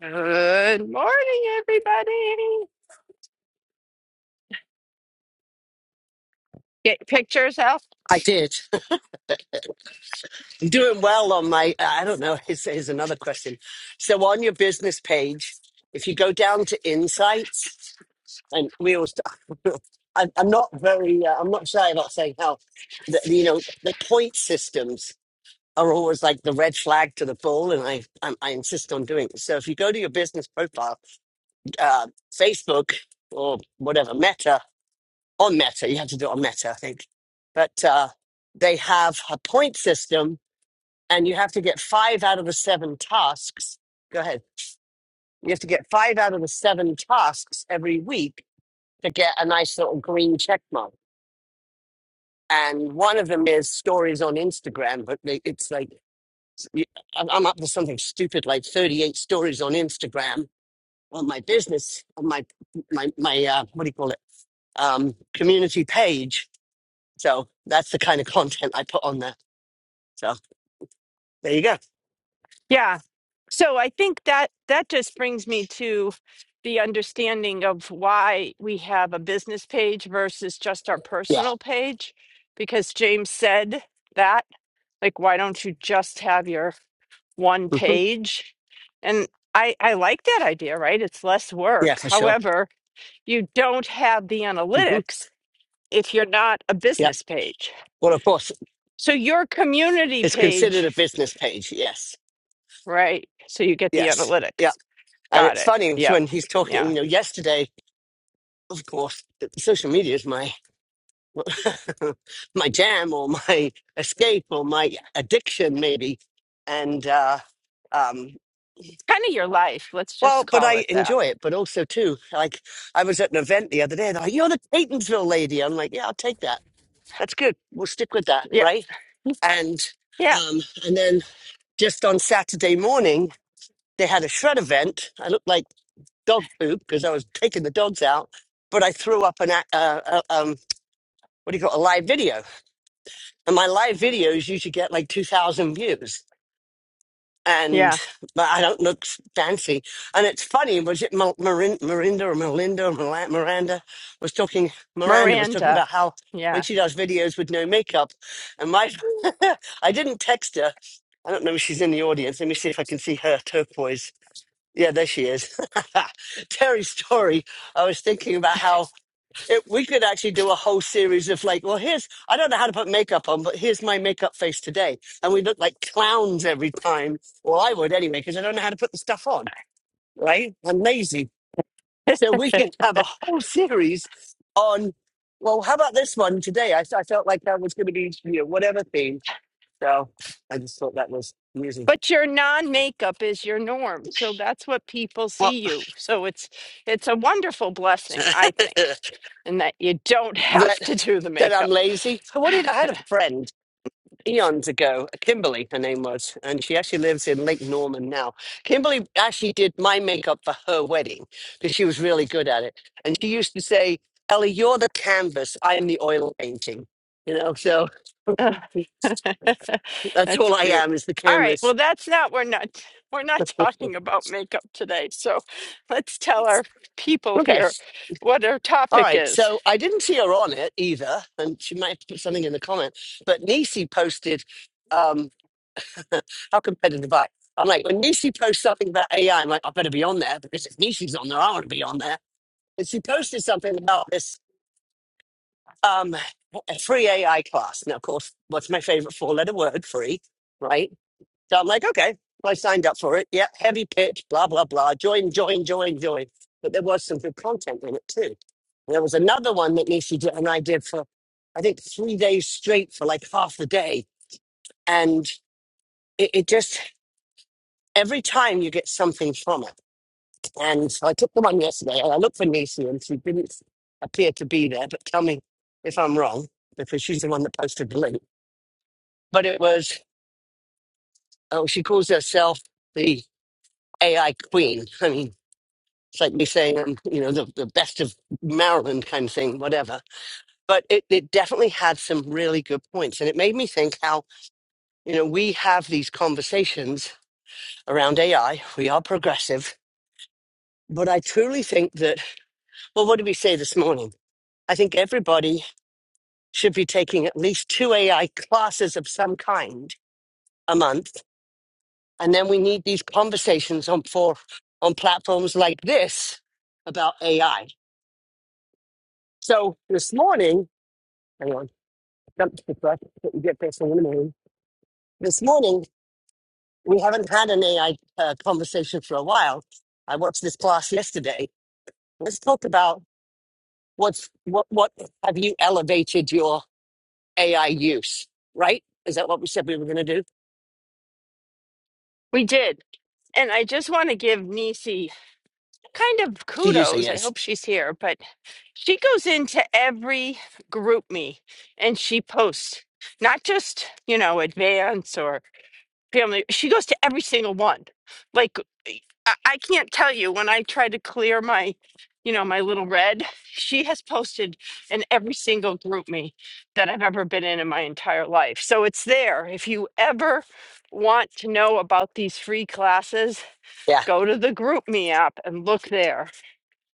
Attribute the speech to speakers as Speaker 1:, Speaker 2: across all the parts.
Speaker 1: Good morning, everybody. Get pictures out.
Speaker 2: I did. I'm doing well on my, I don't know, here's, here's another question. So on your business page, if you go down to insights, and we always, I'm, I'm not very, uh, I'm not shy about saying how, the, you know, the point systems are always like the red flag to the bull, and I, I, I insist on doing it. So if you go to your business profile, uh, Facebook or whatever, Meta, on Meta, you have to do it on Meta, I think, but uh, they have a point system and you have to get five out of the seven tasks. Go ahead. You have to get five out of the seven tasks every week to get a nice little green check mark. And one of them is stories on Instagram, but they- it's like you- I'm I'm up to something stupid like 38 stories on Instagram on my business, on my my my uh, what do you call it? Um, community page. So that's the kind of content I put on there. So there you go.
Speaker 1: Yeah. So I think that that just brings me to the understanding of why we have a business page versus just our
Speaker 2: Yeah.
Speaker 1: personal page. Because James said that, like, why don't you just have your one
Speaker 2: hmm
Speaker 1: page? And I, I like that idea, right? It's less
Speaker 2: Yeah,
Speaker 1: work.
Speaker 2: for sure.
Speaker 1: However, you don't have the
Speaker 2: hmm
Speaker 1: analytics if you're not a
Speaker 2: Yep.
Speaker 1: business page.
Speaker 2: Well, of course,
Speaker 1: So your community
Speaker 2: It's considered a
Speaker 1: page,
Speaker 2: business page. Yes.
Speaker 1: right? So you get the
Speaker 2: Yes. Yeah.
Speaker 1: analytics.
Speaker 2: And
Speaker 1: Got
Speaker 2: it's
Speaker 1: it.
Speaker 2: funny it's
Speaker 1: Yep.
Speaker 2: when he's talking,
Speaker 1: Yeah.
Speaker 2: you know,
Speaker 1: It's
Speaker 2: yesterday, of course, th- social media is my my jam or my escape or my addiction maybe. And uh um
Speaker 1: kind of your life. Let's
Speaker 2: well,
Speaker 1: just
Speaker 2: but
Speaker 1: call
Speaker 2: I
Speaker 1: it that.
Speaker 2: enjoy it, but also too, like I was at an event the other day, and they're like, You're the Catonsville lady. I'm like, Yeah, I'll take that. That's good. We'll stick with that,
Speaker 1: Yeah.
Speaker 2: right? And
Speaker 1: Yeah.
Speaker 2: um and then just on Saturday morning, they had a shred event. I looked like dog poop because I was taking the dogs out, but I threw up an a- uh, uh, um what do you call it, a live video, and my live videos usually get like two thousand views,
Speaker 1: Yeah.
Speaker 2: and but I don't look s- fancy, and it's funny. Was it Mel- Marin- Marinda or Melinda or Mila- Miranda was talking? Miranda was talking
Speaker 1: Miranda.
Speaker 2: about how when
Speaker 1: Yeah.
Speaker 2: she does videos with no makeup, and my I didn't text her. I don't know if she's in the audience. Let me see if I can see her turquoise. Yeah, there she is. Terry's story. I was thinking about how it, we could actually do a whole series of like, well, here's, I don't know how to put makeup on, but here's my makeup face today. And we look like clowns every time. Well, I would anyway, because I don't know how to put the stuff on, right? I'm lazy. So we can have a whole series on, well, how about this one today? I, I felt like that was going to be, you know, whatever theme. So I just thought that was amusing.
Speaker 1: But your non-makeup is your norm. So that's what people
Speaker 2: Well.
Speaker 1: see you. So it's it's a wonderful blessing, I think, in that you don't have
Speaker 2: that
Speaker 1: to do the
Speaker 2: that I'm
Speaker 1: makeup.
Speaker 2: lazy. So what did I had a friend eons ago, Kimberly, her name was, and she actually lives in Lake Norman now. Kimberly actually did my makeup for her wedding because she was really good at it, and she used to say, "Ellie, you're the canvas. I am the oil painting." You know, so
Speaker 1: Ugh.
Speaker 2: that's
Speaker 1: That's
Speaker 2: all I
Speaker 1: cute.
Speaker 2: am is the
Speaker 1: All right.
Speaker 2: canvas.
Speaker 1: Well, that's not we're not we're not talking about makeup today. So let's tell our people
Speaker 2: Okay.
Speaker 1: here what our
Speaker 2: All
Speaker 1: topic
Speaker 2: right.
Speaker 1: is.
Speaker 2: So I didn't see her on it either, and she might have put something in the comment. But Nisi posted. um, How competitive I. I'm like, when Nishi posts something about AI, I'm like, I better be on there because if Nishi's on there, I want to be on there. And she posted something about this um, a free AI class. Now, of course, what's my favorite four letter word? Free, right? So I'm like, okay, well, I signed up for it. Yep, heavy pitch, blah, blah, blah. Join, join, join, join. But there was some good content in it too. And There was another one that Nishi did, and I did for, I think, three days straight for like half the day. And it, it just, every time you get something from it. And so I took the one yesterday and I looked for Nisi and she didn't appear to be there, but tell me if I'm wrong, because she's the one that posted the link. But it was, oh, she calls herself the AI queen. I mean, it's like me saying, um, you know, the, the best of Maryland kind of thing, whatever. But it, it definitely had some really good points. And it made me think how, you know, we have these conversations around AI. We are progressive. But I truly think that, well, what did we say this morning? I think everybody should be taking at least two AI classes of some kind a month. And then we need these conversations on for on platforms like this about AI. So this morning, hang on, jump to the truck, but we get this in the morning. This morning, we haven't had an AI uh, conversation for a while. I watched this class yesterday. Let's talk about what's what what have you elevated your AI use, right? Is that what we said we were going to do?
Speaker 1: We did. And I just want to give Nisi kind of
Speaker 2: She usually
Speaker 1: kudos. I
Speaker 2: is.
Speaker 1: hope she's here, but she goes into every group me and she posts not just, you know, advance family. She goes to every single one. Like e, I, I can't tell you when I try to clear my, you know, my little red. She has posted in every single group me that I've ever been in in my entire life. So it's there. If you ever want to know about these free classes,
Speaker 2: Yeah.
Speaker 1: go to the group me app and look there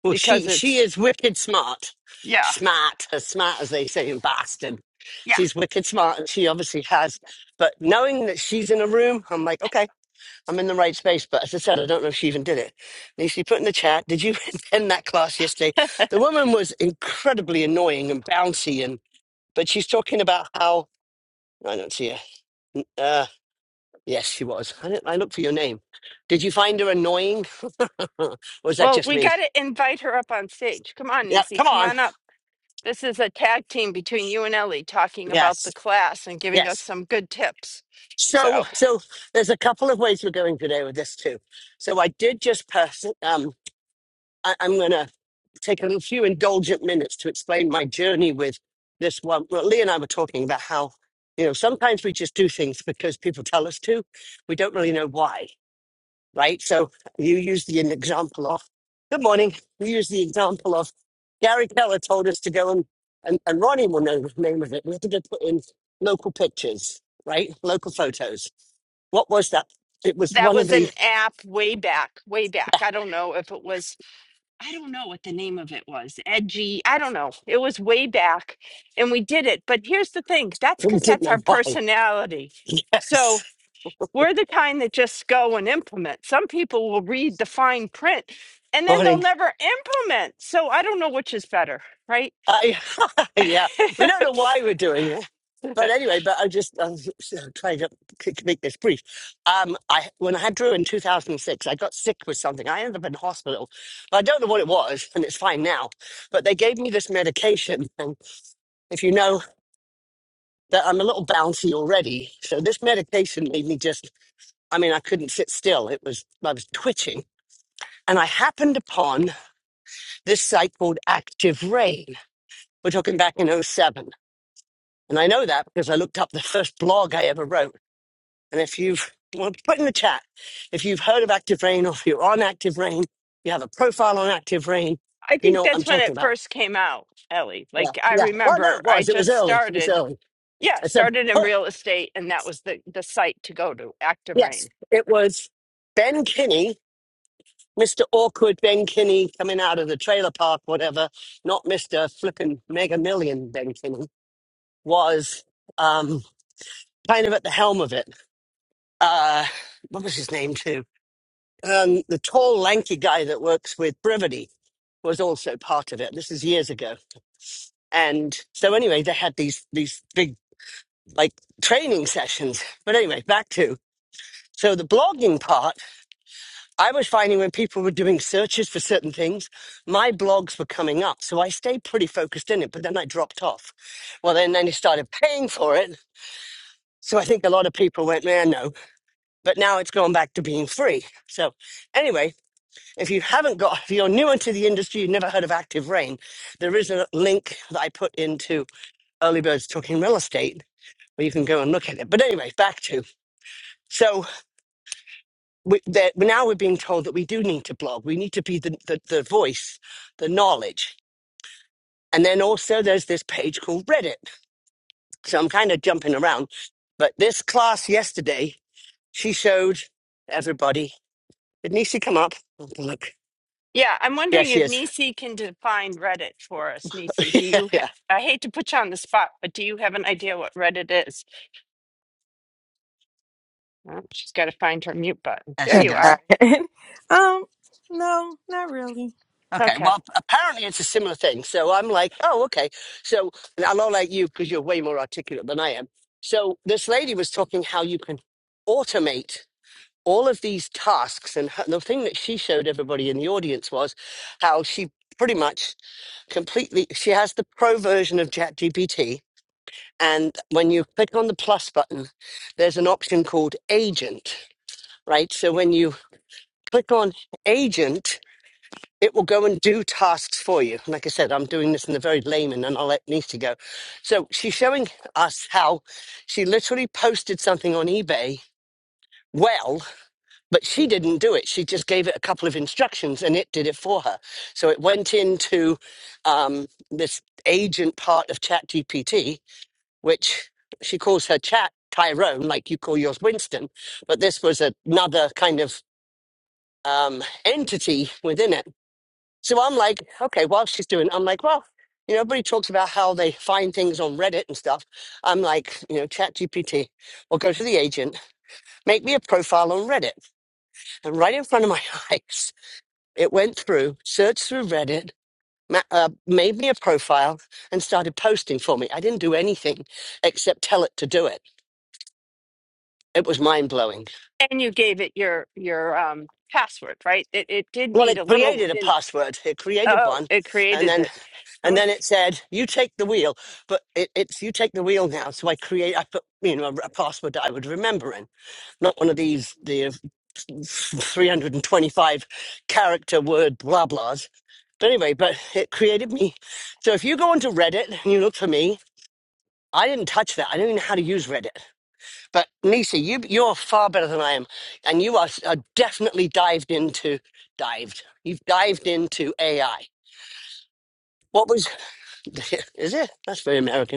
Speaker 2: Well,
Speaker 1: because
Speaker 2: she she
Speaker 1: it's
Speaker 2: is wicked smart,
Speaker 1: yeah.
Speaker 2: smart as smart as they say in Boston.
Speaker 1: Yeah.
Speaker 2: She's wicked smart, and she obviously has. But knowing that she's in a room, I'm like, okay, I'm in the right space. But as I said, I don't know if she even did it. And she put in the chat, did you attend that class yesterday? The woman was incredibly annoying and bouncy, and but she's talking about how I don't see her. Uh, yes, she was. I didn't, I looked for your name. Did you find her annoying, or was that
Speaker 1: Well,
Speaker 2: just
Speaker 1: we
Speaker 2: me?
Speaker 1: got to invite her up on stage. Come on,
Speaker 2: Yeah,
Speaker 1: Nisi.
Speaker 2: come
Speaker 1: Come
Speaker 2: on.
Speaker 1: on up. This is a tag team between you and Ellie talking about
Speaker 2: Yes,
Speaker 1: the class and giving
Speaker 2: yes.
Speaker 1: us some good tips. So
Speaker 2: So, so there's a couple of ways we're going today with this too. So I did just pass. Um, I, I'm going to take a little few indulgent minutes to explain my journey with this one. Well, Lee and I were talking about how you know sometimes we just do things because people tell us to. We don't really know why right? So you use the example of, good morning. You use the example of Gary Keller told us to go and, and, and Ronnie will know the name of it. We have to go put in local pictures, right? Local photos. What was that? It was
Speaker 1: that
Speaker 2: one of
Speaker 1: was
Speaker 2: the,
Speaker 1: an app way back, way back. I don't know if it was, I don't know what the name of it was. Edgy, I don't know. It was way back and we did it. But here's the thing that's
Speaker 2: we
Speaker 1: because
Speaker 2: didn't
Speaker 1: that's
Speaker 2: know
Speaker 1: our
Speaker 2: why.
Speaker 1: personality.
Speaker 2: Yes.
Speaker 1: So we're the kind that just go and implement. Some people will read the fine print and then they'll
Speaker 2: Morning.
Speaker 1: never implement. So I don't know which is better, right?
Speaker 2: I, yeah, we don't know why we're doing it, but anyway. But I just um, so I'm trying to k- make this brief. Um, I when I had Drew in 2006, I got sick with something. I ended up in hospital, but I don't know what it was, and it's fine now. But they gave me this medication, and if you know that I'm a little bouncy already, so this medication made me just. I mean, I couldn't sit still. It was I was twitching, and I happened upon this site called Active Rain. We're talking back in oh seven. And I know that because I looked up the first blog I ever wrote. And if you've, well, put in the chat, if you've heard of Active Rain or if you're on Active Rain, you have a profile on Active Rain,
Speaker 1: I
Speaker 2: you
Speaker 1: think
Speaker 2: know what I'm
Speaker 1: that's when
Speaker 2: talking
Speaker 1: it
Speaker 2: about.
Speaker 1: first came out, Ellie.
Speaker 2: Yeah,
Speaker 1: Like I
Speaker 2: yeah. Well, no,
Speaker 1: remember
Speaker 2: it
Speaker 1: I
Speaker 2: was. It was
Speaker 1: just
Speaker 2: early. It was
Speaker 1: started,
Speaker 2: early.
Speaker 1: yeah,
Speaker 2: I said,
Speaker 1: started in
Speaker 2: oh,
Speaker 1: real estate and that was the the site to go to, Active
Speaker 2: yes,
Speaker 1: Rain.
Speaker 2: it was Ben Kinney, Mr. Awkward Ben Kinney coming out of the trailer park, whatever, not Mr. Flippin' Mega Million Ben Kinney, was um, kind of at the helm of it. Uh, what was his name, too? um, the tall, lanky guy that works with Brevity was also part of it. This is years ago. And so anyway, they had these these big like training sessions. But anyway, back to so the blogging part, I was finding when people were doing searches for certain things, my blogs were coming up. So I stayed pretty focused in it, but then I dropped off. Well then then they started paying for it. So I think a lot of people went, man, no. But now it's gone back to being free. So anyway, If you haven't got, if you're newer to the industry, you've never heard of Active Rain, there is a link that I put into Early Birds Talking Real Estate where you can go and look at it. But anyway, back to so we, that now we're being told that we do need to blog. We need to be the, the, the voice, the knowledge. And then also there's this page called Reddit. So I'm kind of jumping around. But this class yesterday, she showed everybody. Did Nisi come up? Look.
Speaker 1: Yeah, I'm
Speaker 2: Yeah,
Speaker 1: wondering
Speaker 2: she
Speaker 1: if
Speaker 2: is.
Speaker 1: Nisi can define Reddit for us. Nisi, do
Speaker 2: yeah,
Speaker 1: you have,
Speaker 2: yeah.
Speaker 1: I hate to put you on the spot, but do you have an idea what Reddit is? Oh, she's got to find her mute button.
Speaker 2: There
Speaker 1: There
Speaker 2: she
Speaker 3: I
Speaker 1: you
Speaker 2: goes
Speaker 1: are.
Speaker 3: got it. um, no, not really.
Speaker 2: Okay,
Speaker 1: Okay.
Speaker 2: well, apparently it's a similar thing. So I'm like, oh, okay. So and I'm not like you because you're way more articulate than I am. So this lady was talking how you can automate all of these tasks. And her, the thing that she showed everybody in the audience was how she pretty much completely, she has the pro version of ChatGPT. And when you click on the plus button, there's an option called agent, right? So when you click on agent, it will go and do tasks for you. Like I said, I'm doing this in the very layman and I'll let Nisi go. So she's showing us how she literally posted something on eBay well, but she didn't do it. She just gave it a couple of instructions and it did it for her. So it went into um, this agent part of ChatGPT, which she calls her chat Tyrone, like you call yours Winston, but this was another kind of um, entity within it so I'm like, okay, while she's doing, I'm like, well, you know, everybody talks about how they find things on Reddit and stuff. I'm like, you know, chat GPT or go to the agent, make me a profile on Reddit. And right in front of my eyes, it went through, searched through Reddit, ma- uh, made me a profile and started posting for me. I didn't do anything except tell it to do it. It was mind blowing.
Speaker 1: And you gave it your your um password, right? It it did
Speaker 2: Well,
Speaker 1: need
Speaker 2: it
Speaker 1: a little
Speaker 2: created a
Speaker 1: in
Speaker 2: password. It created
Speaker 1: oh,
Speaker 2: one.
Speaker 1: it
Speaker 2: And
Speaker 1: created
Speaker 2: then
Speaker 1: it.
Speaker 2: And
Speaker 1: Oh.
Speaker 2: then it said, "You take the wheel," but it, it's "You take the wheel now." So I create, I put, you know, a password that I would remember in, not one of these the three hundred and twenty-five character word blah blahs. But anyway, but it created me. So if you go onto Reddit and you look for me, I didn't touch that. I don't even know how to use Reddit. But Nisi, you you're far better than I am, and you are, are definitely dived into dived. You've dived into AI. What was is it? That's very American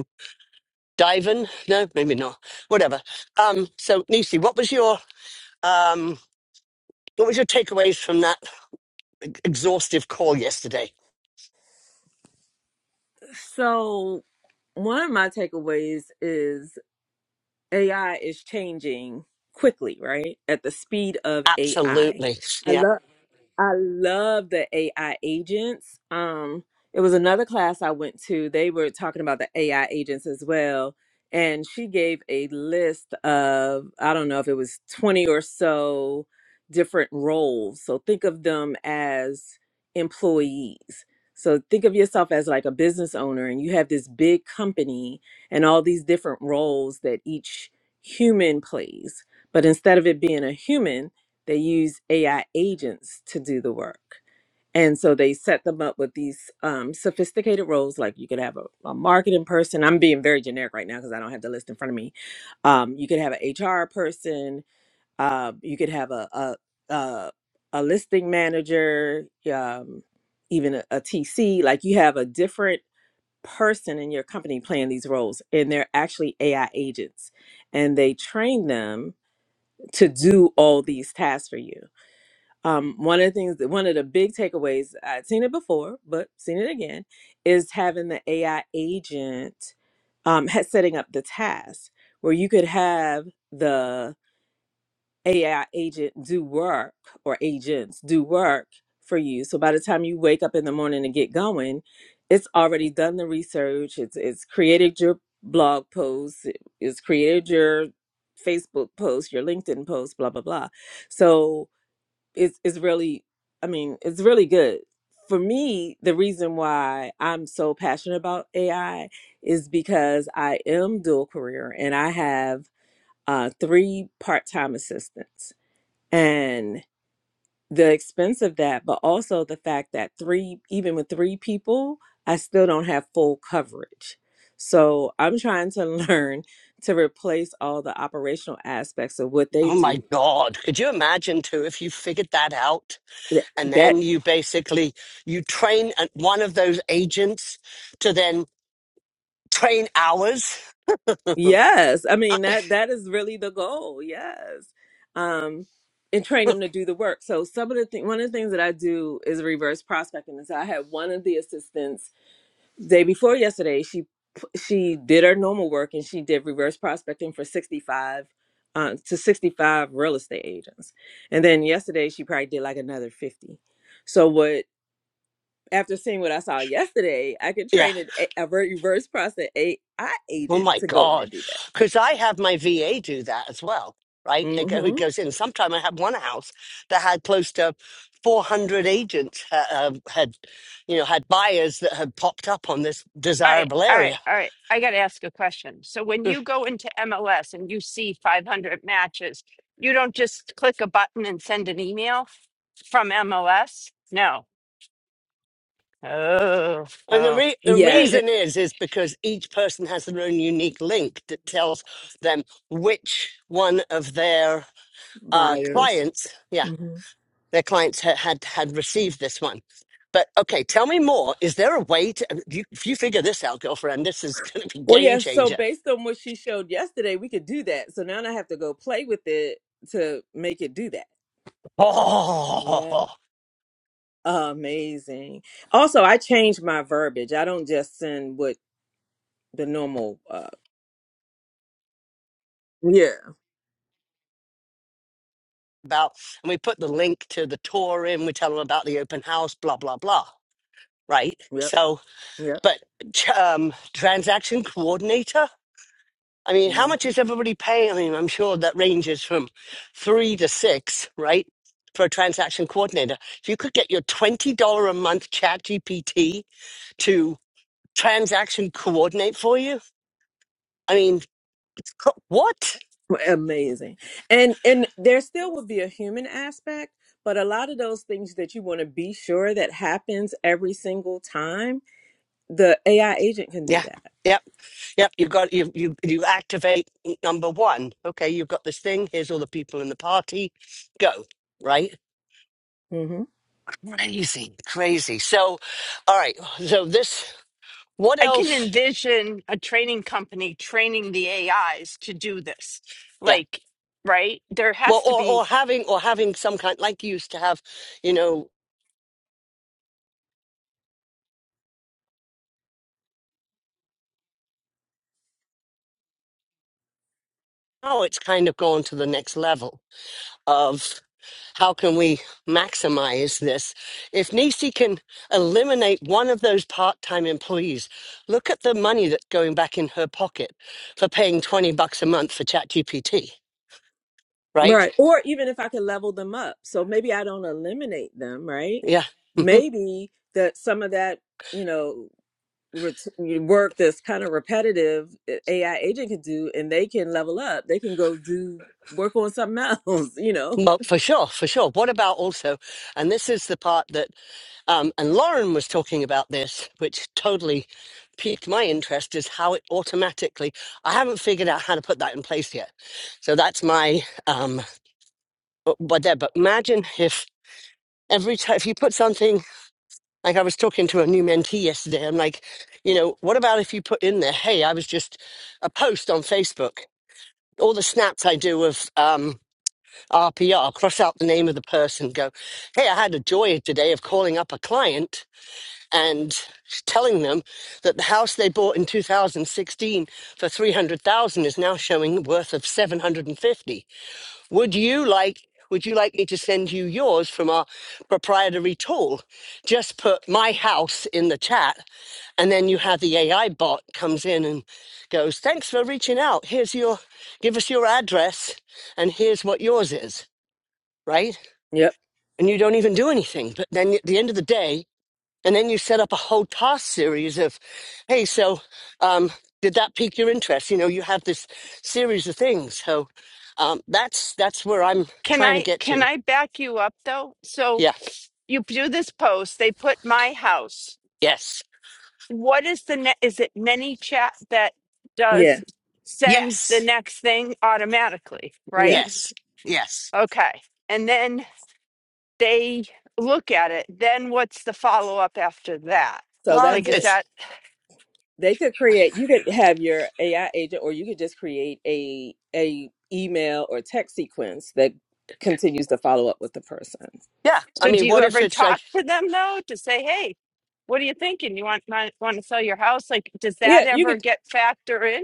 Speaker 2: Diving? No, maybe not. Whatever. Um, so Nisi, what was your um what was your takeaways from that exhaustive call yesterday?
Speaker 3: So, one of my takeaways is AI is changing quickly, right? At the speed of AI. I
Speaker 2: Absolutely.
Speaker 3: I
Speaker 2: Yeah.
Speaker 3: love. I love the AI agents. Um, it was another class I went to. They were talking about the AI agents as well. And she gave a list of, I don't know if it was 20 or so different roles. So think of them as employees. So think of yourself as like a business owner and you have this big company and all these different roles that each human plays. But instead of it being a human, they use AI agents to do the work. And so they set them up with these um, sophisticated roles, like you could have a, a marketing person. I'm being very generic right now because I don't have the list in front of me. Um, you could have an HR person. Uh, you could have a a, a, a listing manager, um, even a, a TC. Like you have a different person in your company playing these roles, and they're actually AI agents, and they train them to do all these tasks for you um, one of the things that one of the big takeaways I'd seen it before, but seen it again, is having the AI agent um, ha- setting up the task where you could have the AI agent do work or agents do work for you. So by the time you wake up in the morning and get going, it's already done the research. It's it's created your blog posts. It's created your Facebook post, your LinkedIn post, blah blah blah. So is is really i mean it's really good for me the reason why i'm so passionate about ai is because i am dual career and i have uh, three part-time assistants and the expense of that but also the fact that three even with three people i still don't have full coverage so i'm trying to learn to replace all the operational aspects of what they
Speaker 2: Oh my
Speaker 3: do
Speaker 2: God. Could you imagine too if you figured that out
Speaker 3: Th-
Speaker 2: and
Speaker 3: That.
Speaker 2: then you basically you train at one of those agents to then train hours?
Speaker 3: Yes, I
Speaker 2: Uh,
Speaker 3: mean that that is really the goal. Yes, um, and train them to do the work. So some of the thing, one of the things that I do is reverse prospecting. And so I had one of the assistants day before yesterday. She p- she did her normal work and she did reverse prospecting for sixty five. Uh, to 65 real estate agents. And then yesterday she probably did like another 50. So what after seeing what I saw yesterday, I could
Speaker 2: yeah.
Speaker 3: train an, a a reverse prospect AI
Speaker 2: Oh
Speaker 3: agent
Speaker 2: my
Speaker 3: to go in
Speaker 2: God.
Speaker 3: and do
Speaker 2: Because I have my VA do that as well, right?
Speaker 3: that.
Speaker 2: They go, who
Speaker 3: hmm
Speaker 2: goes in. Sometime I had one house that had close to 400 agents uh, um, had, you know, had buyers that had popped up on this
Speaker 1: All right,
Speaker 2: desirable
Speaker 1: all right,
Speaker 2: area.
Speaker 1: all right. I got to ask a question. So when you go into MLS and you see 500 matches, you don't just click a button and send an email from MLS? No. Oh,
Speaker 2: And the,
Speaker 1: oh.
Speaker 2: re- the
Speaker 3: Yeah.
Speaker 1: Hey,
Speaker 3: eh,
Speaker 2: reason is, is because each person has their own unique link that tells them which one of their uh,
Speaker 3: buyers.
Speaker 2: clients, yeah,
Speaker 3: hmm
Speaker 2: their clients had had, had received this one. But okay, tell me more. Is there a way to if you, if you figure this out, girlfriend? This is going to be
Speaker 3: Well,
Speaker 2: game
Speaker 3: yeah. So
Speaker 2: changer.
Speaker 3: based on what she showed yesterday, we could do that. So now I have to go play with it to make it do that. Yeah.
Speaker 2: Oh,
Speaker 3: Amazing. Also, I changed my verbiage. I don't just send what the normal. Uh, Yeah.
Speaker 2: about and we put the link to the tour in. We tell them about the open house. Blah blah blah. Right.
Speaker 3: Yep.
Speaker 2: So,
Speaker 3: Yep.
Speaker 2: but ch- um, transaction coordinator. I mean, how
Speaker 3: hmm
Speaker 2: much is everybody paying? I mean, I'm sure that ranges from three to six, right, for a transaction coordinator. If you could get your twenty dollar a month chat GPT transaction coordinate for you? I mean, co- what?
Speaker 3: amazing. And and there still would be a human aspect, but a lot of those things that you want to be sure that happens every single time, the AI agent can do
Speaker 2: Yeah.
Speaker 3: that.
Speaker 2: Yep, yep. You've got you you you activate number one. Okay, you've got this thing. Here's all the people in the party. Go right. Crazy, crazy. So, all right. So this. What
Speaker 1: I can
Speaker 2: else?
Speaker 1: envision a training company training the AIs to do this.
Speaker 2: Yeah.
Speaker 1: Like, right? There has
Speaker 2: Well,
Speaker 1: to
Speaker 2: or
Speaker 1: be
Speaker 2: or having or having some kind like you used to have. You know, now it's kind of gone to the next level of. how can we maximize this? If Nisi can eliminate one of those part-time employees, look at the money that's going back in her pocket for paying 20 bucks a month for ChatGPT, right?
Speaker 3: Right. Or even if I could level them up. So maybe I don't eliminate them, right?
Speaker 2: Yeah. hmm
Speaker 3: Maybe that some of that, you know, ret- work that's kind of repetitive, a- AI agent could do, and they can level up. They can go do work on something else, you know?
Speaker 2: Well, for sure, for sure. What about also, and this is the part that, um, and Lauren was talking about this, which totally piqued my interest, is how it automatically, I haven't figured out how to put that in place yet. So that's my, um, but, but there, but imagine if every time if you put something like I was talking to a new mentee yesterday, I'm like, you know, what about if you put in there, hey, I was just a post on Facebook. All the snaps I do of um, RPR, cross out the name of the person, go, hey, I had a joy today of calling up a client and telling them that the house they bought in 2016 for 300,000 is now showing worth of 750. Would you like would you like me to send you yours from our proprietary tool? Just put my house in the chat and then you have the AI bot comes in and goes, "Thanks for reaching out. Here's your give us your address and here's what yours is." Right?
Speaker 3: Yep.
Speaker 2: And you don't even do anything. But then at the end of the day, and then you set up a whole task series of hey so um, did that pique your interest you know you have this series of things so um, that's that's where i'm
Speaker 1: Can
Speaker 2: trying to
Speaker 1: I
Speaker 2: get
Speaker 1: can
Speaker 2: to
Speaker 1: I back you up though? So
Speaker 2: yeah
Speaker 1: you do this post, they put my house
Speaker 2: yes
Speaker 1: What is the net? Is it many chat that
Speaker 3: Yeah.
Speaker 1: does sends the
Speaker 2: yes
Speaker 1: next thing automatically,
Speaker 3: Yeah.
Speaker 1: right?
Speaker 2: yes yes
Speaker 1: Okay. And then they look at it. Then what's the follow up after that?
Speaker 3: So
Speaker 2: well
Speaker 3: that's
Speaker 1: Like,
Speaker 2: it-
Speaker 1: is
Speaker 3: it.
Speaker 1: that
Speaker 2: it's
Speaker 3: They could create, you could have your AI agent, or you could just create a, a, email or text sequence that continues to follow up with the person
Speaker 2: yeah i
Speaker 1: so? Do
Speaker 2: mean
Speaker 1: you
Speaker 2: what if
Speaker 1: ever
Speaker 2: it's like
Speaker 1: talk to them though to say, hey, what are you thinking? You want want, want to sell your house? Like, does that
Speaker 3: yeah you could
Speaker 1: ever get factor in?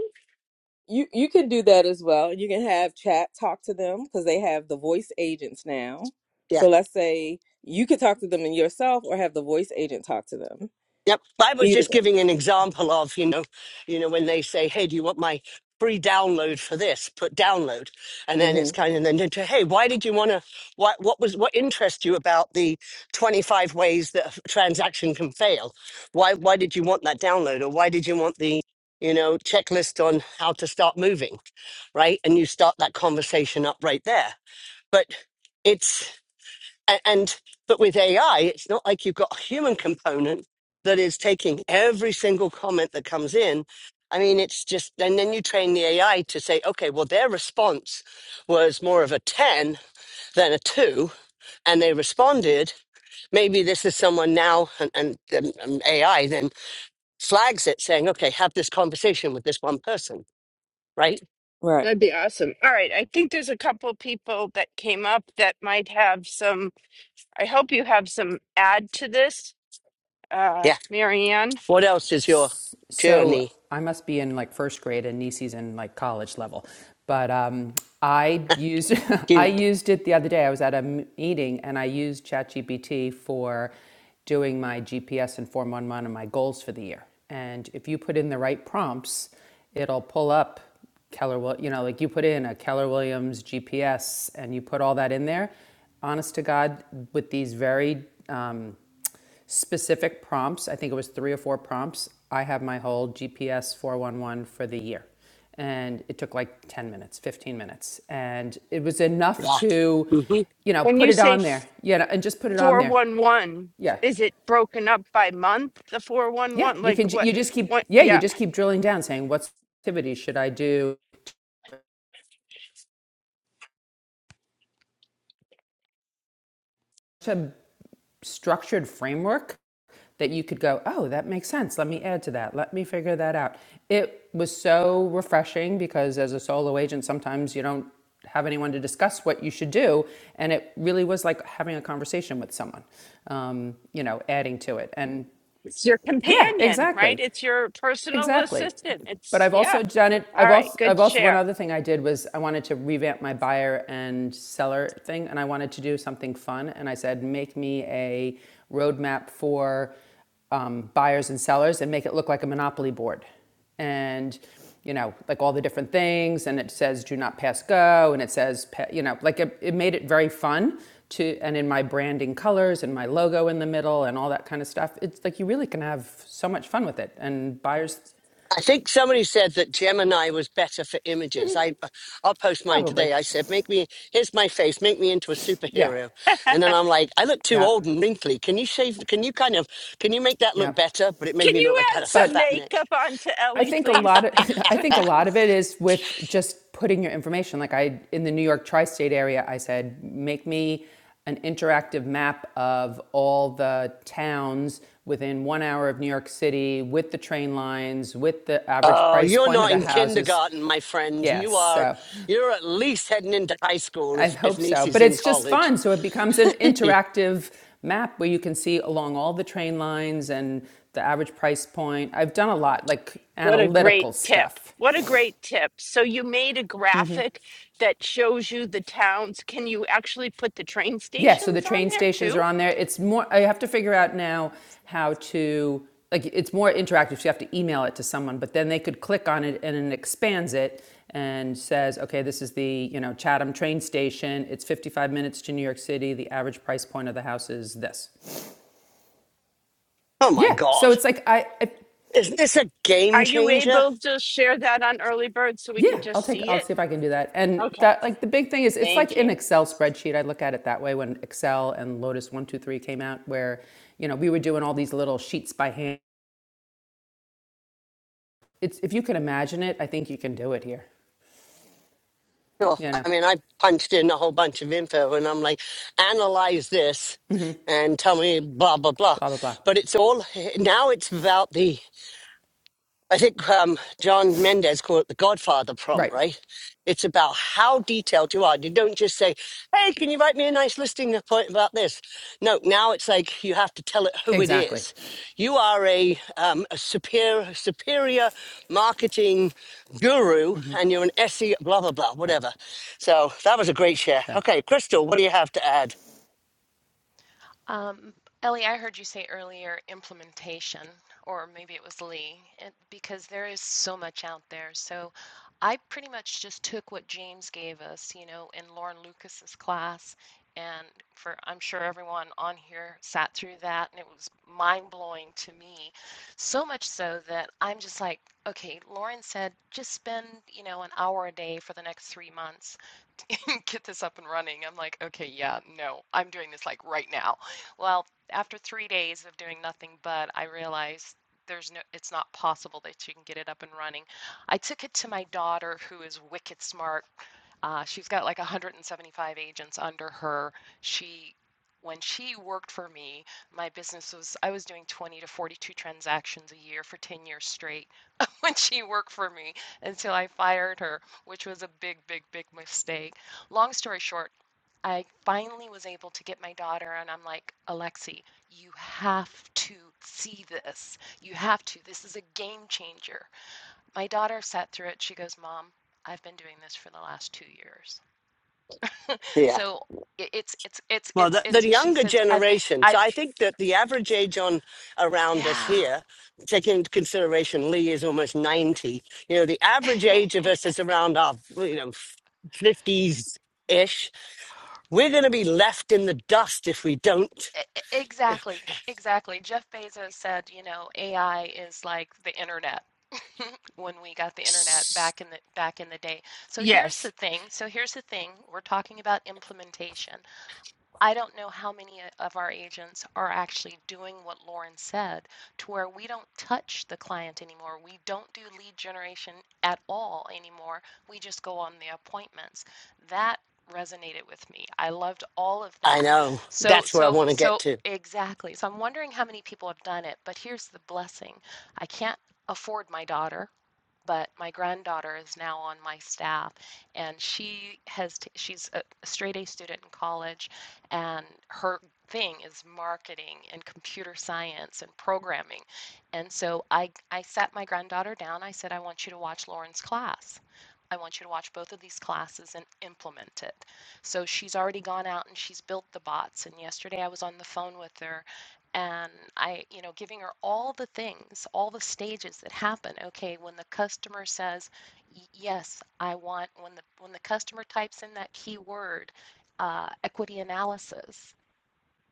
Speaker 3: You you can do that as well. You can have chat talk to them because they have the voice agents now.
Speaker 2: yeah.
Speaker 3: So let's say you could talk to them in yourself or have the voice agent talk to them.
Speaker 2: Yep. I was
Speaker 3: Either
Speaker 2: just
Speaker 3: way.
Speaker 2: giving an example of, you know, you know, when they say, Hey, do you want my free download for this? Put download. And then
Speaker 3: hmm
Speaker 2: it's kind of then into, hey, why did you want to what what was what interests you about the 25 ways that a f- transaction can fail? Why why did you want that download? Or why did you want the you know, checklist on how to start moving, right? And you start that conversation up right there. But it's and, and but with AI, it's not like you've got a human component that is taking every single comment that comes in. I mean, it's just, and then you train the AI to say, okay, well, their response was more of a 10 than a two, and they responded. Maybe this is someone now, and, and, and and AI then flags it saying, okay, have this conversation with this one person, right?
Speaker 3: Right.
Speaker 1: That'd be awesome. All right, I think there's a couple people that came up that might have some. I hope you have some add to this uh,
Speaker 2: Yeah.
Speaker 1: Marianne,
Speaker 2: What else is your
Speaker 4: so
Speaker 2: journey?
Speaker 4: I must be in like first grade and Nisi's in like college level. But um, I used I
Speaker 2: Cute.
Speaker 4: used it the other day. I was at a meeting and I used ChatGPT for doing my GPS and 411 and my goals for the year. And if you put in the right prompts, it'll pull up Keller, you know, like you put in a Keller Williams GPS and you put all that in there. Honest to God, with these very um, specific prompts. I think it was three or four prompts. I have my whole GPS 411 for the year. And it took like 10 minutes, 15 minutes. And it was enough
Speaker 2: Yeah.
Speaker 4: to,
Speaker 2: Mm-hmm.
Speaker 4: you know,
Speaker 1: when
Speaker 4: put
Speaker 1: you
Speaker 4: it
Speaker 1: say
Speaker 4: on there. Yeah, and just put it on there.
Speaker 1: 411,
Speaker 4: Yeah.
Speaker 1: is it broken up by month, the
Speaker 4: Yeah.
Speaker 1: 411?
Speaker 4: You
Speaker 1: Like
Speaker 4: can,
Speaker 1: what,
Speaker 4: you just keep,
Speaker 1: what,
Speaker 4: yeah, you
Speaker 1: yeah,
Speaker 4: just keep drilling down saying, what activities should I do? to structured framework that you could go, oh, that makes sense. Let me add to that. Let me figure that out. It was so refreshing because as a solo agent, sometimes you don't have anyone to discuss what you should do. And it really was like having a conversation with someone, um, you know, adding to it. And
Speaker 1: it's your
Speaker 4: yeah,
Speaker 1: companion, right?
Speaker 4: exactly.
Speaker 1: It's your personal
Speaker 4: Exactly.
Speaker 1: assistant.
Speaker 4: But
Speaker 1: It's,
Speaker 4: I've
Speaker 1: yeah.
Speaker 4: also done it.
Speaker 1: All
Speaker 4: I've
Speaker 1: right,
Speaker 4: also,
Speaker 1: good
Speaker 4: I've also, one
Speaker 1: share.
Speaker 4: other thing I did was I wanted to revamp my buyer and seller thing, and I wanted to do something fun. And I said, make me a roadmap for um, buyers and sellers and make it look like a monopoly board and you know like all the different things and it says do not pass go and it says you know like it, it made it very fun to and in my branding colors and my logo in the middle and all that kind of stuff it's like you really can have so much fun with it and buyers
Speaker 2: I think somebody said that Gemini was better for images. I, I'll post mine
Speaker 4: probably
Speaker 2: today. I said, "Make me here's my face. Make me into a
Speaker 4: yeah
Speaker 2: superhero." And then I'm like, "I look too
Speaker 4: yeah
Speaker 2: old and wrinkly. Can you shave? Can you kind of can you make that
Speaker 4: yeah
Speaker 2: look better?" But it made
Speaker 1: Can
Speaker 2: me
Speaker 1: you
Speaker 2: look like I
Speaker 1: add
Speaker 2: had a
Speaker 1: some
Speaker 4: but
Speaker 2: fat neck.
Speaker 1: makeup onto
Speaker 4: I
Speaker 1: Ellie,
Speaker 4: think a
Speaker 1: please?
Speaker 4: lot of I think a lot of it is with just putting your information. Like I in the New York tri-state area, I said, make me an interactive map of all the towns within one hour of New York City, with the train lines, with the average
Speaker 2: Oh,
Speaker 4: price
Speaker 2: you're
Speaker 4: point of
Speaker 2: not
Speaker 4: the
Speaker 2: in
Speaker 4: houses.
Speaker 2: kindergarten, my friend. You
Speaker 4: Yes,
Speaker 2: are.
Speaker 4: so
Speaker 2: You're at least heading into high school
Speaker 4: I
Speaker 2: if if
Speaker 4: hope so. But
Speaker 2: Niecy's in
Speaker 4: it's just
Speaker 2: college.
Speaker 4: fun, so it becomes an interactive map where you can see along all the train lines and the average price point. I've done a lot like
Speaker 1: What a great
Speaker 4: analytical
Speaker 1: tip.
Speaker 4: stuff.
Speaker 1: What a great tip. So you made a graphic that shows you the towns. Can you actually put the train
Speaker 4: Yeah, so the
Speaker 1: stations on
Speaker 4: train
Speaker 1: there
Speaker 4: stations
Speaker 1: too?
Speaker 4: are on there. It's more, I have to figure out now how to, like, it's more interactive. So you have to email it to someone, but then they could click on it and it expands it and says, okay, this is the, you know, Chatham train station. It's 55 minutes to New York City. The average price point of the house is this.
Speaker 2: Oh my
Speaker 4: Yeah, so
Speaker 2: God,
Speaker 4: it's like, I, I
Speaker 2: isn't this a game
Speaker 1: Are you
Speaker 2: changer?
Speaker 1: able to share that on early bird so we
Speaker 4: yeah,
Speaker 1: can
Speaker 4: I'll
Speaker 1: just
Speaker 4: take,
Speaker 1: see
Speaker 4: I'll
Speaker 1: it?
Speaker 4: see if I can do that. And
Speaker 1: Okay,
Speaker 4: that, like, the big thing is it's like
Speaker 1: thank
Speaker 4: an
Speaker 1: you.
Speaker 4: Excel spreadsheet. I look at it that way when Excel and Lotus 123 came out, where, you know, we were doing all these little sheets by hand It's if you can imagine it, I think you can do it here.
Speaker 2: Sure.
Speaker 4: You know,
Speaker 2: I mean, I punched in a whole bunch of info and I'm like, analyze this and tell me blah, blah, blah.
Speaker 4: blah blah blah.
Speaker 2: But it's all eh, now it's about the I think um, John Mendez called it the Godfather prompt,
Speaker 4: Right.
Speaker 2: right? It's about how detailed you are. You don't just say, "Hey, can you write me a nice listing point about this?" No, now it's like you have to tell it who it
Speaker 4: Exactly.
Speaker 2: is. You are a, um, a superior superior marketing guru, and you're an SE blah blah blah
Speaker 4: Right.
Speaker 2: whatever. So that was a great share.
Speaker 4: So
Speaker 2: Okay, Crystal, what do you have to add?
Speaker 5: Um, Ellie, I heard you say earlier implementation, or maybe it was Lee, and because there is so much out there. So I pretty much just took what James gave us, you know, in Lauren Lucas's class. And for I'm sure everyone on here sat through that, and it was mind blowing to me. So much so that I'm just like, okay, Lauren said just spend, you know, an hour a day for the next three months. get this up and running. I'm like, okay, yeah, no, I'm doing this like right now. Well, after three days of doing nothing but, I realized there's no, it's not possible that you can get it up and running. I took it to my daughter, who is wicked smart. Uh, she's got like 175 agents under her. She, when she worked for me, my business was, I was doing 20 to 42 transactions a year for 10 years straight when she worked for me until I fired her, which was a big, big, big mistake. Long story short, I finally was able to get my daughter, and I'm like, Alexi, you have to see this. You have to. This is a game changer. My daughter sat through it. She goes, Mom, I've been doing this for the last two years. So it's, it's, it's,
Speaker 2: Well,
Speaker 5: it's,
Speaker 2: the, the
Speaker 5: it's, she
Speaker 2: younger
Speaker 5: says, I've been,
Speaker 2: generation.
Speaker 5: I,
Speaker 2: So I think that the average age on around us
Speaker 5: yeah.
Speaker 2: here, taking into consideration Lee is almost 90, you know, the average age of us is around our, you know, 50s ish. We're going to be left in the dust if we don't.
Speaker 5: Exactly, exactly. Jeff Bezos said, you know, AI is like the internet. when we got the internet
Speaker 1: S-
Speaker 5: back in the back in the day. So here's the
Speaker 1: Yes.
Speaker 5: thing. So here's the thing. We're talking about implementation. I don't know how many uh, of our agents are actually doing what Lauren said to where we don't touch the client anymore. We don't do lead generation at all anymore. We just go on the appointments. That resonated with me. I loved all of
Speaker 2: I
Speaker 5: that.
Speaker 2: know.
Speaker 5: So
Speaker 2: That's where I
Speaker 5: so
Speaker 2: want to get
Speaker 5: so
Speaker 2: to.
Speaker 5: exactly. So I'm wondering how many people have done it, but here's the blessing. I can't afford my daughter but my granddaughter is now on my staff and she has t- she's a straight A student in college and her thing is marketing and computer science and programming. And so I I sat my granddaughter down. I said I want you to watch Lauren's class. I want you to watch both of these classes and implement it. So she's already gone out and she's built the bots and yesterday I was on the phone with her and I, you know, giving her all the things, all the stages that happen. Okay, when the customer says, "Yes, I want," when the when the customer types in that keyword uh, equity analysis.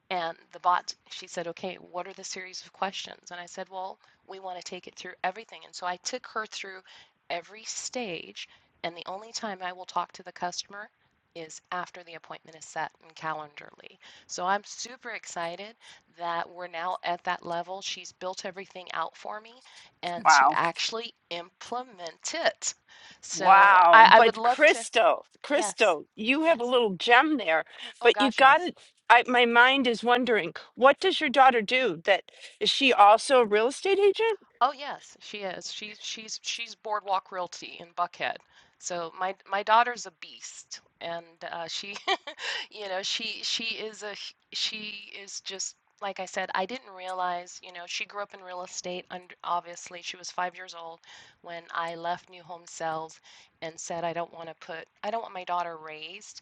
Speaker 5: And the bot, she said, okay, what are the series of questions? And I said, well, we want to take it through everything. And so I took her through every stage. And the only time I will talk to the customer is after the appointment is set in Calendarly. So I'm super excited that we're now at that level. She's built everything out for me and to
Speaker 1: Wow.
Speaker 5: actually implement it. So I,
Speaker 1: Wow.
Speaker 5: I would
Speaker 1: But
Speaker 5: love to.
Speaker 1: Christo,
Speaker 5: Yes.
Speaker 1: Christo, you have a
Speaker 5: Yes.
Speaker 1: little gem there,
Speaker 5: Oh,
Speaker 1: but you
Speaker 5: gosh,
Speaker 1: got
Speaker 5: yes.
Speaker 1: it. I, my mind is wondering, what does your daughter do? That is she also a real estate agent?
Speaker 5: Oh yes, she is. She's she's she's Boardwalk Realty in Buckhead. So my my daughter's a beast, and uh, she, you know, she she is a she is just like I said. I didn't realize, you know, she grew up in real estate. Und obviously, she was five years old when I left New Home Sales and said I don't want to put I don't want my daughter raised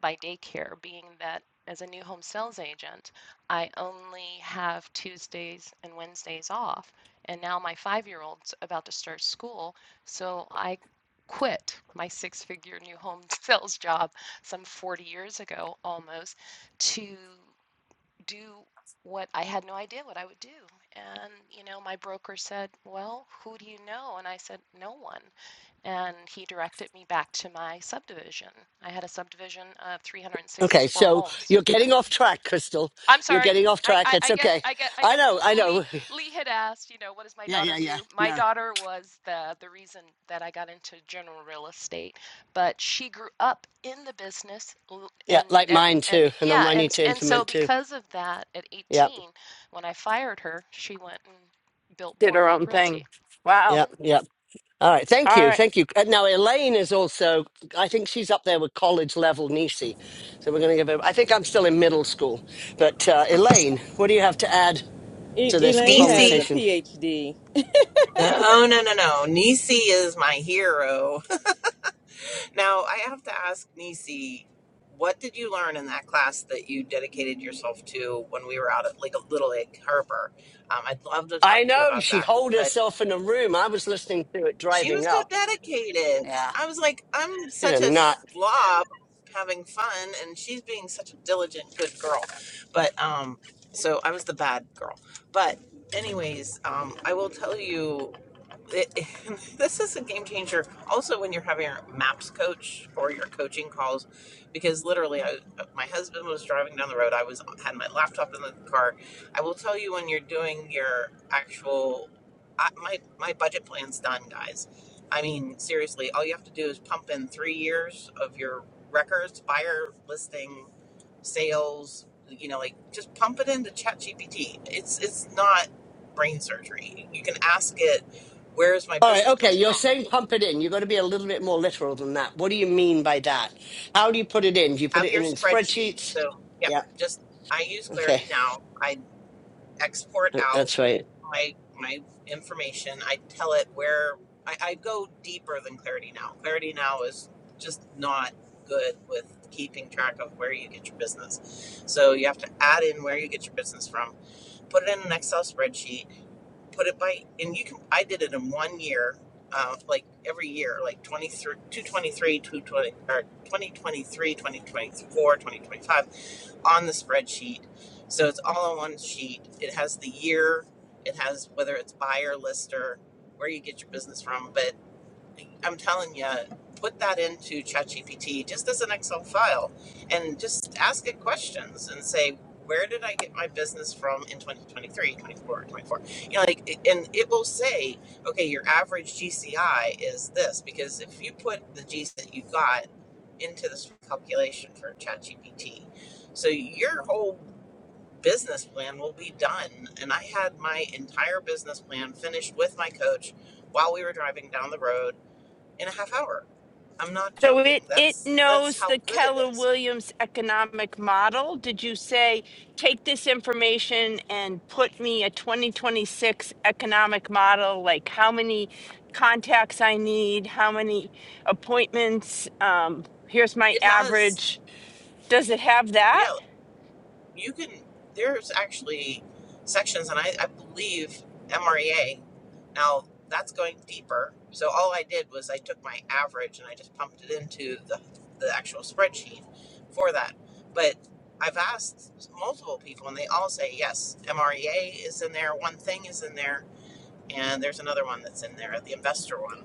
Speaker 5: by daycare, being that as a new home sales agent, I only have Tuesdays and Wednesdays off and now my five year old's about to start school. So I quit my six figure new home sales job some 40 years ago almost to do what I had no idea what I would do. And, you know, my broker said, Well, who do you know? And I said, No one. And he directed me back to my subdivision. I had a subdivision of
Speaker 2: Okay,
Speaker 5: 364
Speaker 2: so
Speaker 5: homes
Speaker 2: you're getting off track, Crystal.
Speaker 5: I'm
Speaker 2: You're
Speaker 5: sorry.
Speaker 2: getting off
Speaker 5: I,
Speaker 2: track.
Speaker 5: I,
Speaker 2: It's
Speaker 5: I guess
Speaker 2: okay.
Speaker 5: I guess I
Speaker 2: I
Speaker 5: guess
Speaker 2: know, I
Speaker 5: Lee
Speaker 2: know.
Speaker 5: Lee had asked, you know, what does my
Speaker 2: Yeah,
Speaker 5: daughter
Speaker 2: yeah, yeah.
Speaker 5: do? My
Speaker 2: No.
Speaker 5: daughter was the the reason that I got into general real estate, but she grew up in the business,
Speaker 2: Yeah,
Speaker 5: and
Speaker 2: like
Speaker 5: and,
Speaker 2: mine
Speaker 5: and
Speaker 2: too. And
Speaker 5: yeah,
Speaker 2: I
Speaker 5: and
Speaker 2: need to
Speaker 5: and so
Speaker 2: implement too.
Speaker 5: because of that, at
Speaker 2: Yeah,
Speaker 5: 18, when I fired her, she went and built
Speaker 1: Did her own
Speaker 5: Boardwalk Realty.
Speaker 1: thing. Wow.
Speaker 5: hmm
Speaker 2: yeah, yeah. All right, thank
Speaker 1: All
Speaker 2: you,
Speaker 1: right.
Speaker 2: thank you. Uh, Now Elaine is also, I think she's up there with college level Nisi, so we're going to give her. I think I'm still in middle school, but uh, Elaine, what do you have to add
Speaker 3: E-
Speaker 2: to this
Speaker 3: Elaine has
Speaker 6: DC.
Speaker 3: a
Speaker 2: conversation?
Speaker 3: PhD.
Speaker 6: Oh no no no! Nisi is my hero. Now I have to ask Nisi, what did you learn in that class that you dedicated yourself to when we were out at Lake- Little Lake Harbor? Um, I'd love to
Speaker 2: I
Speaker 6: talk to you
Speaker 2: know
Speaker 6: about
Speaker 2: she
Speaker 6: that.
Speaker 2: holed
Speaker 6: but.
Speaker 2: herself in a room. I was listening to it
Speaker 6: She was
Speaker 2: driving
Speaker 6: so
Speaker 2: up.
Speaker 6: dedicated.
Speaker 2: Yeah.
Speaker 6: I was like, I'm
Speaker 2: She's
Speaker 6: such
Speaker 2: a
Speaker 6: a
Speaker 2: nut.
Speaker 6: slob having fun, and she's being such a diligent, good girl. But, um, so I was the bad girl. But, anyways, um, I will tell you, it, this is a game changer also when you're having your maps coach or your coaching calls because literally I, my husband was driving down the road i was had my laptop in the car i will tell you when you're doing your actual I, my my budget plan's done, guys. I mean, seriously, all you have to do is pump in three years of your records, buyer listing, sales. You know, like just pump it into ChatGPT. It's it's not brain surgery. You can ask it, "Where is my
Speaker 2: All right,
Speaker 6: business
Speaker 2: okay.
Speaker 6: coming from?"
Speaker 2: You're saying pump it in. You've got to be a little bit more literal than that. What do you mean by that? How do you put it in? Do you put
Speaker 6: Have
Speaker 2: it
Speaker 6: your
Speaker 2: in in
Speaker 6: spreadsheet.
Speaker 2: spreadsheets?
Speaker 6: So yeah,
Speaker 2: Yeah.
Speaker 6: just I use
Speaker 2: Okay,
Speaker 6: Clarity now. I export out
Speaker 2: that's right.
Speaker 6: my my information. I tell it where I, I go deeper than Clarity Now. Clarity Now is just not good with keeping track of where you get your business. So you have to add in where you get your business from, put it in an Excel spreadsheet, put it by, and you can. I did it in one year, uh, like every year, like 23, 223, 220, or twenty twenty three, twenty twenty four, twenty twenty-four, twenty five on the spreadsheet. So it's all on one sheet. It has the year, it has whether it's buyer, lister, where you get your business from, but I'm telling you, put that into ChatGPT just as an Excel file and just ask it questions and say, where did I get my business from in 2023, 24, 24? You know, like, and it will say, okay, your average GCI is this, because if you put the G's that you got into this calculation for ChatGPT, so your whole business plan will be done. And I had my entire business plan finished with my coach while we were driving down the road in a half hour. I'm not
Speaker 1: So
Speaker 6: joking.
Speaker 1: it it
Speaker 6: That's that's
Speaker 1: knows
Speaker 6: how
Speaker 1: the
Speaker 6: good it
Speaker 1: Keller
Speaker 6: is.
Speaker 1: Williams economic model. Did you say take this information and put me a 2026 economic model like how many contacts I need, how many appointments, um here's my
Speaker 6: It has
Speaker 1: average. Does it have that?
Speaker 6: yeah, you can there's actually sections and I, I believe MREA. Now that's going deeper. So all I did was I took my average and I just pumped it into the the actual spreadsheet for that. But I've asked multiple people and they all say yes, MREA is in there, one thing is in there and there's another one that's in there, the investor one.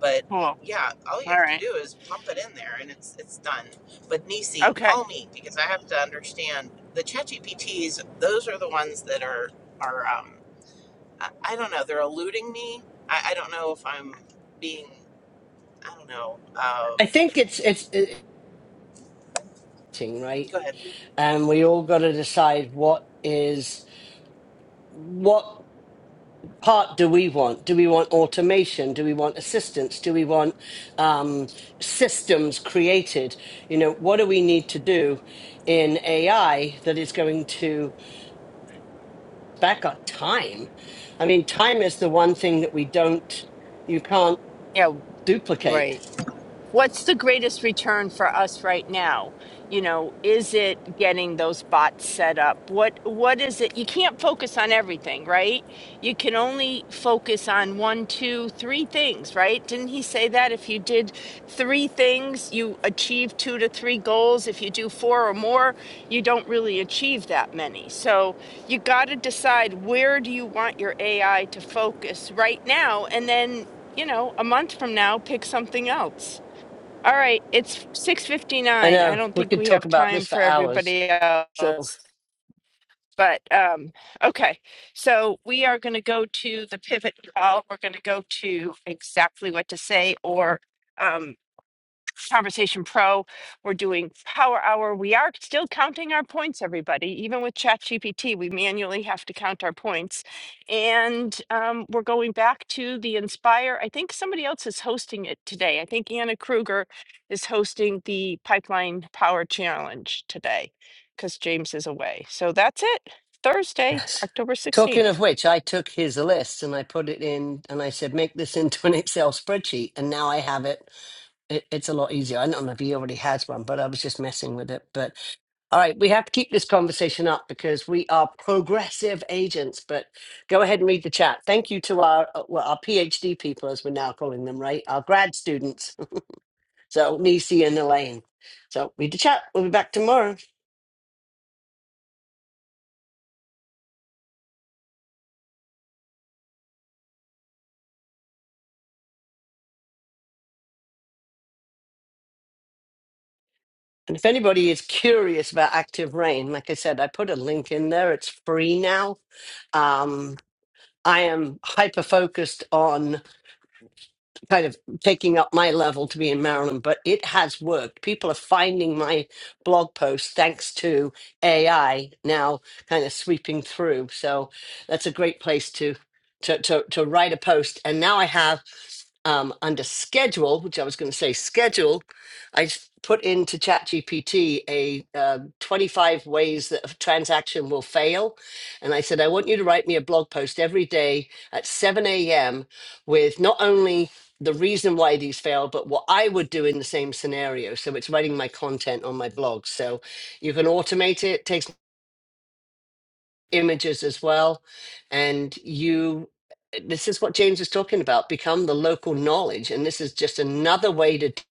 Speaker 6: But
Speaker 1: Oh,
Speaker 6: yeah, all you
Speaker 1: all
Speaker 6: have to
Speaker 1: right.
Speaker 6: do is pump it in there, and it's it's done. But Nisi,
Speaker 1: Okay.
Speaker 6: call me because I have to understand the ChatGPTs. Those are the ones that are are um, I, I don't know. They're eluding me. I, I don't know if I'm being I don't know. Uh,
Speaker 2: I think it's it's, it's right.
Speaker 6: go ahead.
Speaker 2: and we all got to decide what is what part do we want do we want automation do we want assistance do we want um, systems created you know what do we need to do in ai that is going to back up time i mean time is the one thing that we don't you can't
Speaker 1: Yeah,
Speaker 2: duplicate
Speaker 1: right. what's the greatest return for us right now you know is it getting those bots set up what what is it you can't focus on everything right you can only focus on one two three things right didn't he say that if you did three things you achieve two to three goals if you do four or more you don't really achieve that many so you got to decide where do you want your ai to focus right now and then you know a month from now pick something else all right, it's six
Speaker 2: i
Speaker 1: fifty-nine. I
Speaker 2: know
Speaker 1: don't
Speaker 2: we
Speaker 1: think
Speaker 2: could
Speaker 1: we
Speaker 2: talk
Speaker 1: have
Speaker 2: about
Speaker 1: time
Speaker 2: this for
Speaker 1: for
Speaker 2: hours
Speaker 1: everybody
Speaker 2: so
Speaker 1: else. But um, okay, so we are going to go to the pivot call. We're going to go to exactly what to say or um, Conversation Pro. We're doing Power Hour. We are still counting our points, everybody. Even with ChatGPT, we manually have to count our points. And um, we're going back to the Inspire. I think somebody else is hosting it today. I think Anna Kruger is hosting the Pipeline Power Challenge today because James is away. So that's it. Thursday,
Speaker 2: Yes.
Speaker 1: October
Speaker 2: Talking
Speaker 1: 16th.
Speaker 2: of which, I took his list and I put it in and I said, make this into an Excel spreadsheet. And now I have it. it it's a lot easier. I don't know if he already has one, but I was just messing with it. But all right, we have to keep this conversation up because we are progressive agents. But go ahead and read the chat. Thank you to our, uh, well, our PhD people, as we're now calling them, right? Our grad students. So, Nisi and Elaine. So, read the chat. We'll be back tomorrow. And if anybody is curious about Active Rain, like I said, I put a link in there. It's free now. Um, I am hyper focused on kind of taking up my level to be in Maryland, but it has worked. People are finding my blog posts thanks to AI now kind of sweeping through. So that's a great place to to to, to write a post. And now I have um, under schedule, which I was going to say schedule, I s- put into ChatGPT a uh, 25 ways that a transaction will fail. And I said, I want you to write me a blog post every day at 7 a.m. with not only the reason why these fail, but what I would do in the same scenario. So it's writing my content on my blog. So you can automate it. Takes images as well. And you, eh, this is what James was talking about become the local knowledge. And this is just another way to do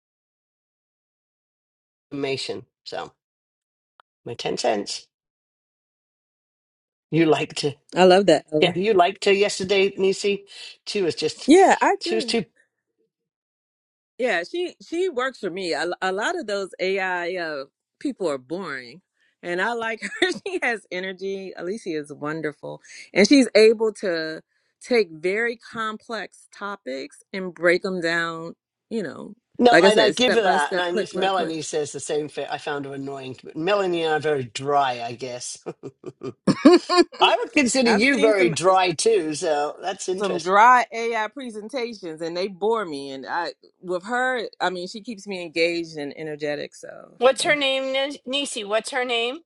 Speaker 2: information. So, my 10 cents. You liked to,
Speaker 3: I love that,
Speaker 2: yeah,
Speaker 3: Ellen.
Speaker 2: you liked to yesterday, Nisi. She was just,
Speaker 3: Yeah, I
Speaker 2: she was
Speaker 3: do.
Speaker 2: too.
Speaker 3: Yeah, she she works for me. A, a lot of those AI uh, people are boring, and I like her. She has energy. Alicia is wonderful, and she's able to take very complex topics and break them down. You know,
Speaker 2: No,
Speaker 3: like I
Speaker 2: and I
Speaker 3: said,
Speaker 2: give
Speaker 3: step
Speaker 2: her
Speaker 3: by
Speaker 2: that. And
Speaker 3: step, click
Speaker 2: I,
Speaker 3: by click.
Speaker 2: Melanie says the same thing. I found her annoying. But Melanie and I are very dry, I guess. I would consider
Speaker 3: I've
Speaker 2: you
Speaker 3: seen
Speaker 2: very
Speaker 3: some
Speaker 2: dry too. So that's
Speaker 3: some
Speaker 2: interesting.
Speaker 3: dry AI presentations, and they bore me. And I with her, I mean, she keeps me engaged and energetic. So
Speaker 1: What's her
Speaker 3: yeah,
Speaker 1: name, Nis- Nisi? What's her name?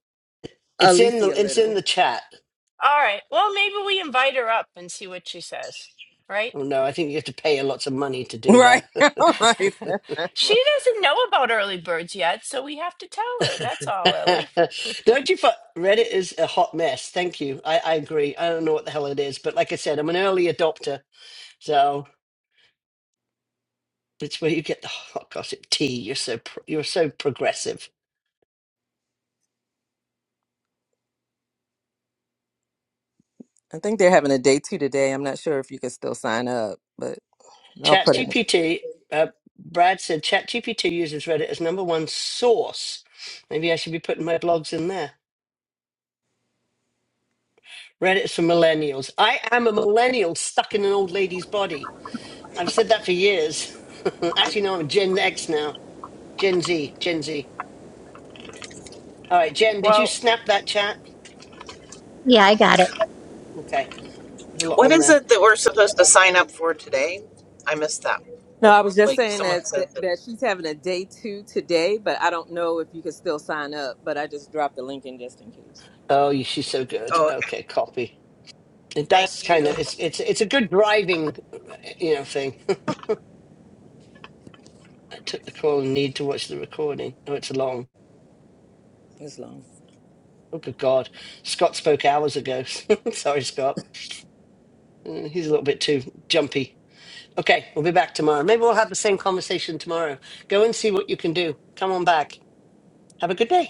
Speaker 2: It's in the
Speaker 3: Alicia
Speaker 2: it's
Speaker 3: Little.
Speaker 2: in the chat.
Speaker 1: All right. Well, maybe we invite her up and see what she says, right?
Speaker 2: Oh no, I think you have to pay a lot of money to do
Speaker 3: Right.
Speaker 2: that.
Speaker 3: I'm like,
Speaker 1: she doesn't know about early birds yet, so we have to tell her. That's all, Ellie.
Speaker 2: don't you? fi- Reddit is a hot mess. Thank you. I, I agree. I don't know what the hell it is, but like I said, I'm an early adopter, so it's where you get the hot gossip tea. You're so pro- you're so progressive.
Speaker 3: I think they're having a day two today. I'm not sure if you can still sign up, but I'll put it.
Speaker 2: ChatGPT, uh, Brad said ChatGPT uses Reddit as number one source. Maybe I should be putting my blogs in there. Reddit is for millennials. I am a millennial stuck in an old lady's body. I've said that for years. Actually, no, I'm Gen X now. Gen Z, Gen Z. All right, Jen, did you
Speaker 1: Well,
Speaker 2: snap that chat?
Speaker 7: Yeah, I got it.
Speaker 2: Okay, there's a lot
Speaker 6: What
Speaker 2: on
Speaker 6: is
Speaker 2: there.
Speaker 6: it that we're supposed to sign up for today? I missed that.
Speaker 3: No,
Speaker 6: What
Speaker 3: I was just
Speaker 6: like
Speaker 3: saying that,
Speaker 6: someone said
Speaker 3: that
Speaker 6: that.
Speaker 3: that she's having a day two today, but I don't know if you can still sign up. But I just dropped the link in just in case.
Speaker 2: Oh, you- she's so good.
Speaker 6: Oh, okay.
Speaker 2: Okay, copy. It does
Speaker 6: Thank you.
Speaker 2: kind of it's it's it's a good driving, uh, you know, thing. took the call and need to watch the recording. Oh, it's long.
Speaker 3: It's long.
Speaker 2: Oh, good God. Scott spoke hours ago. Sorry, Scott. Uh, He's a little bit too jumpy. Okay, we'll be back tomorrow. Maybe we'll have the same conversation tomorrow. Go and see what you can do. Come on back. Have a good day.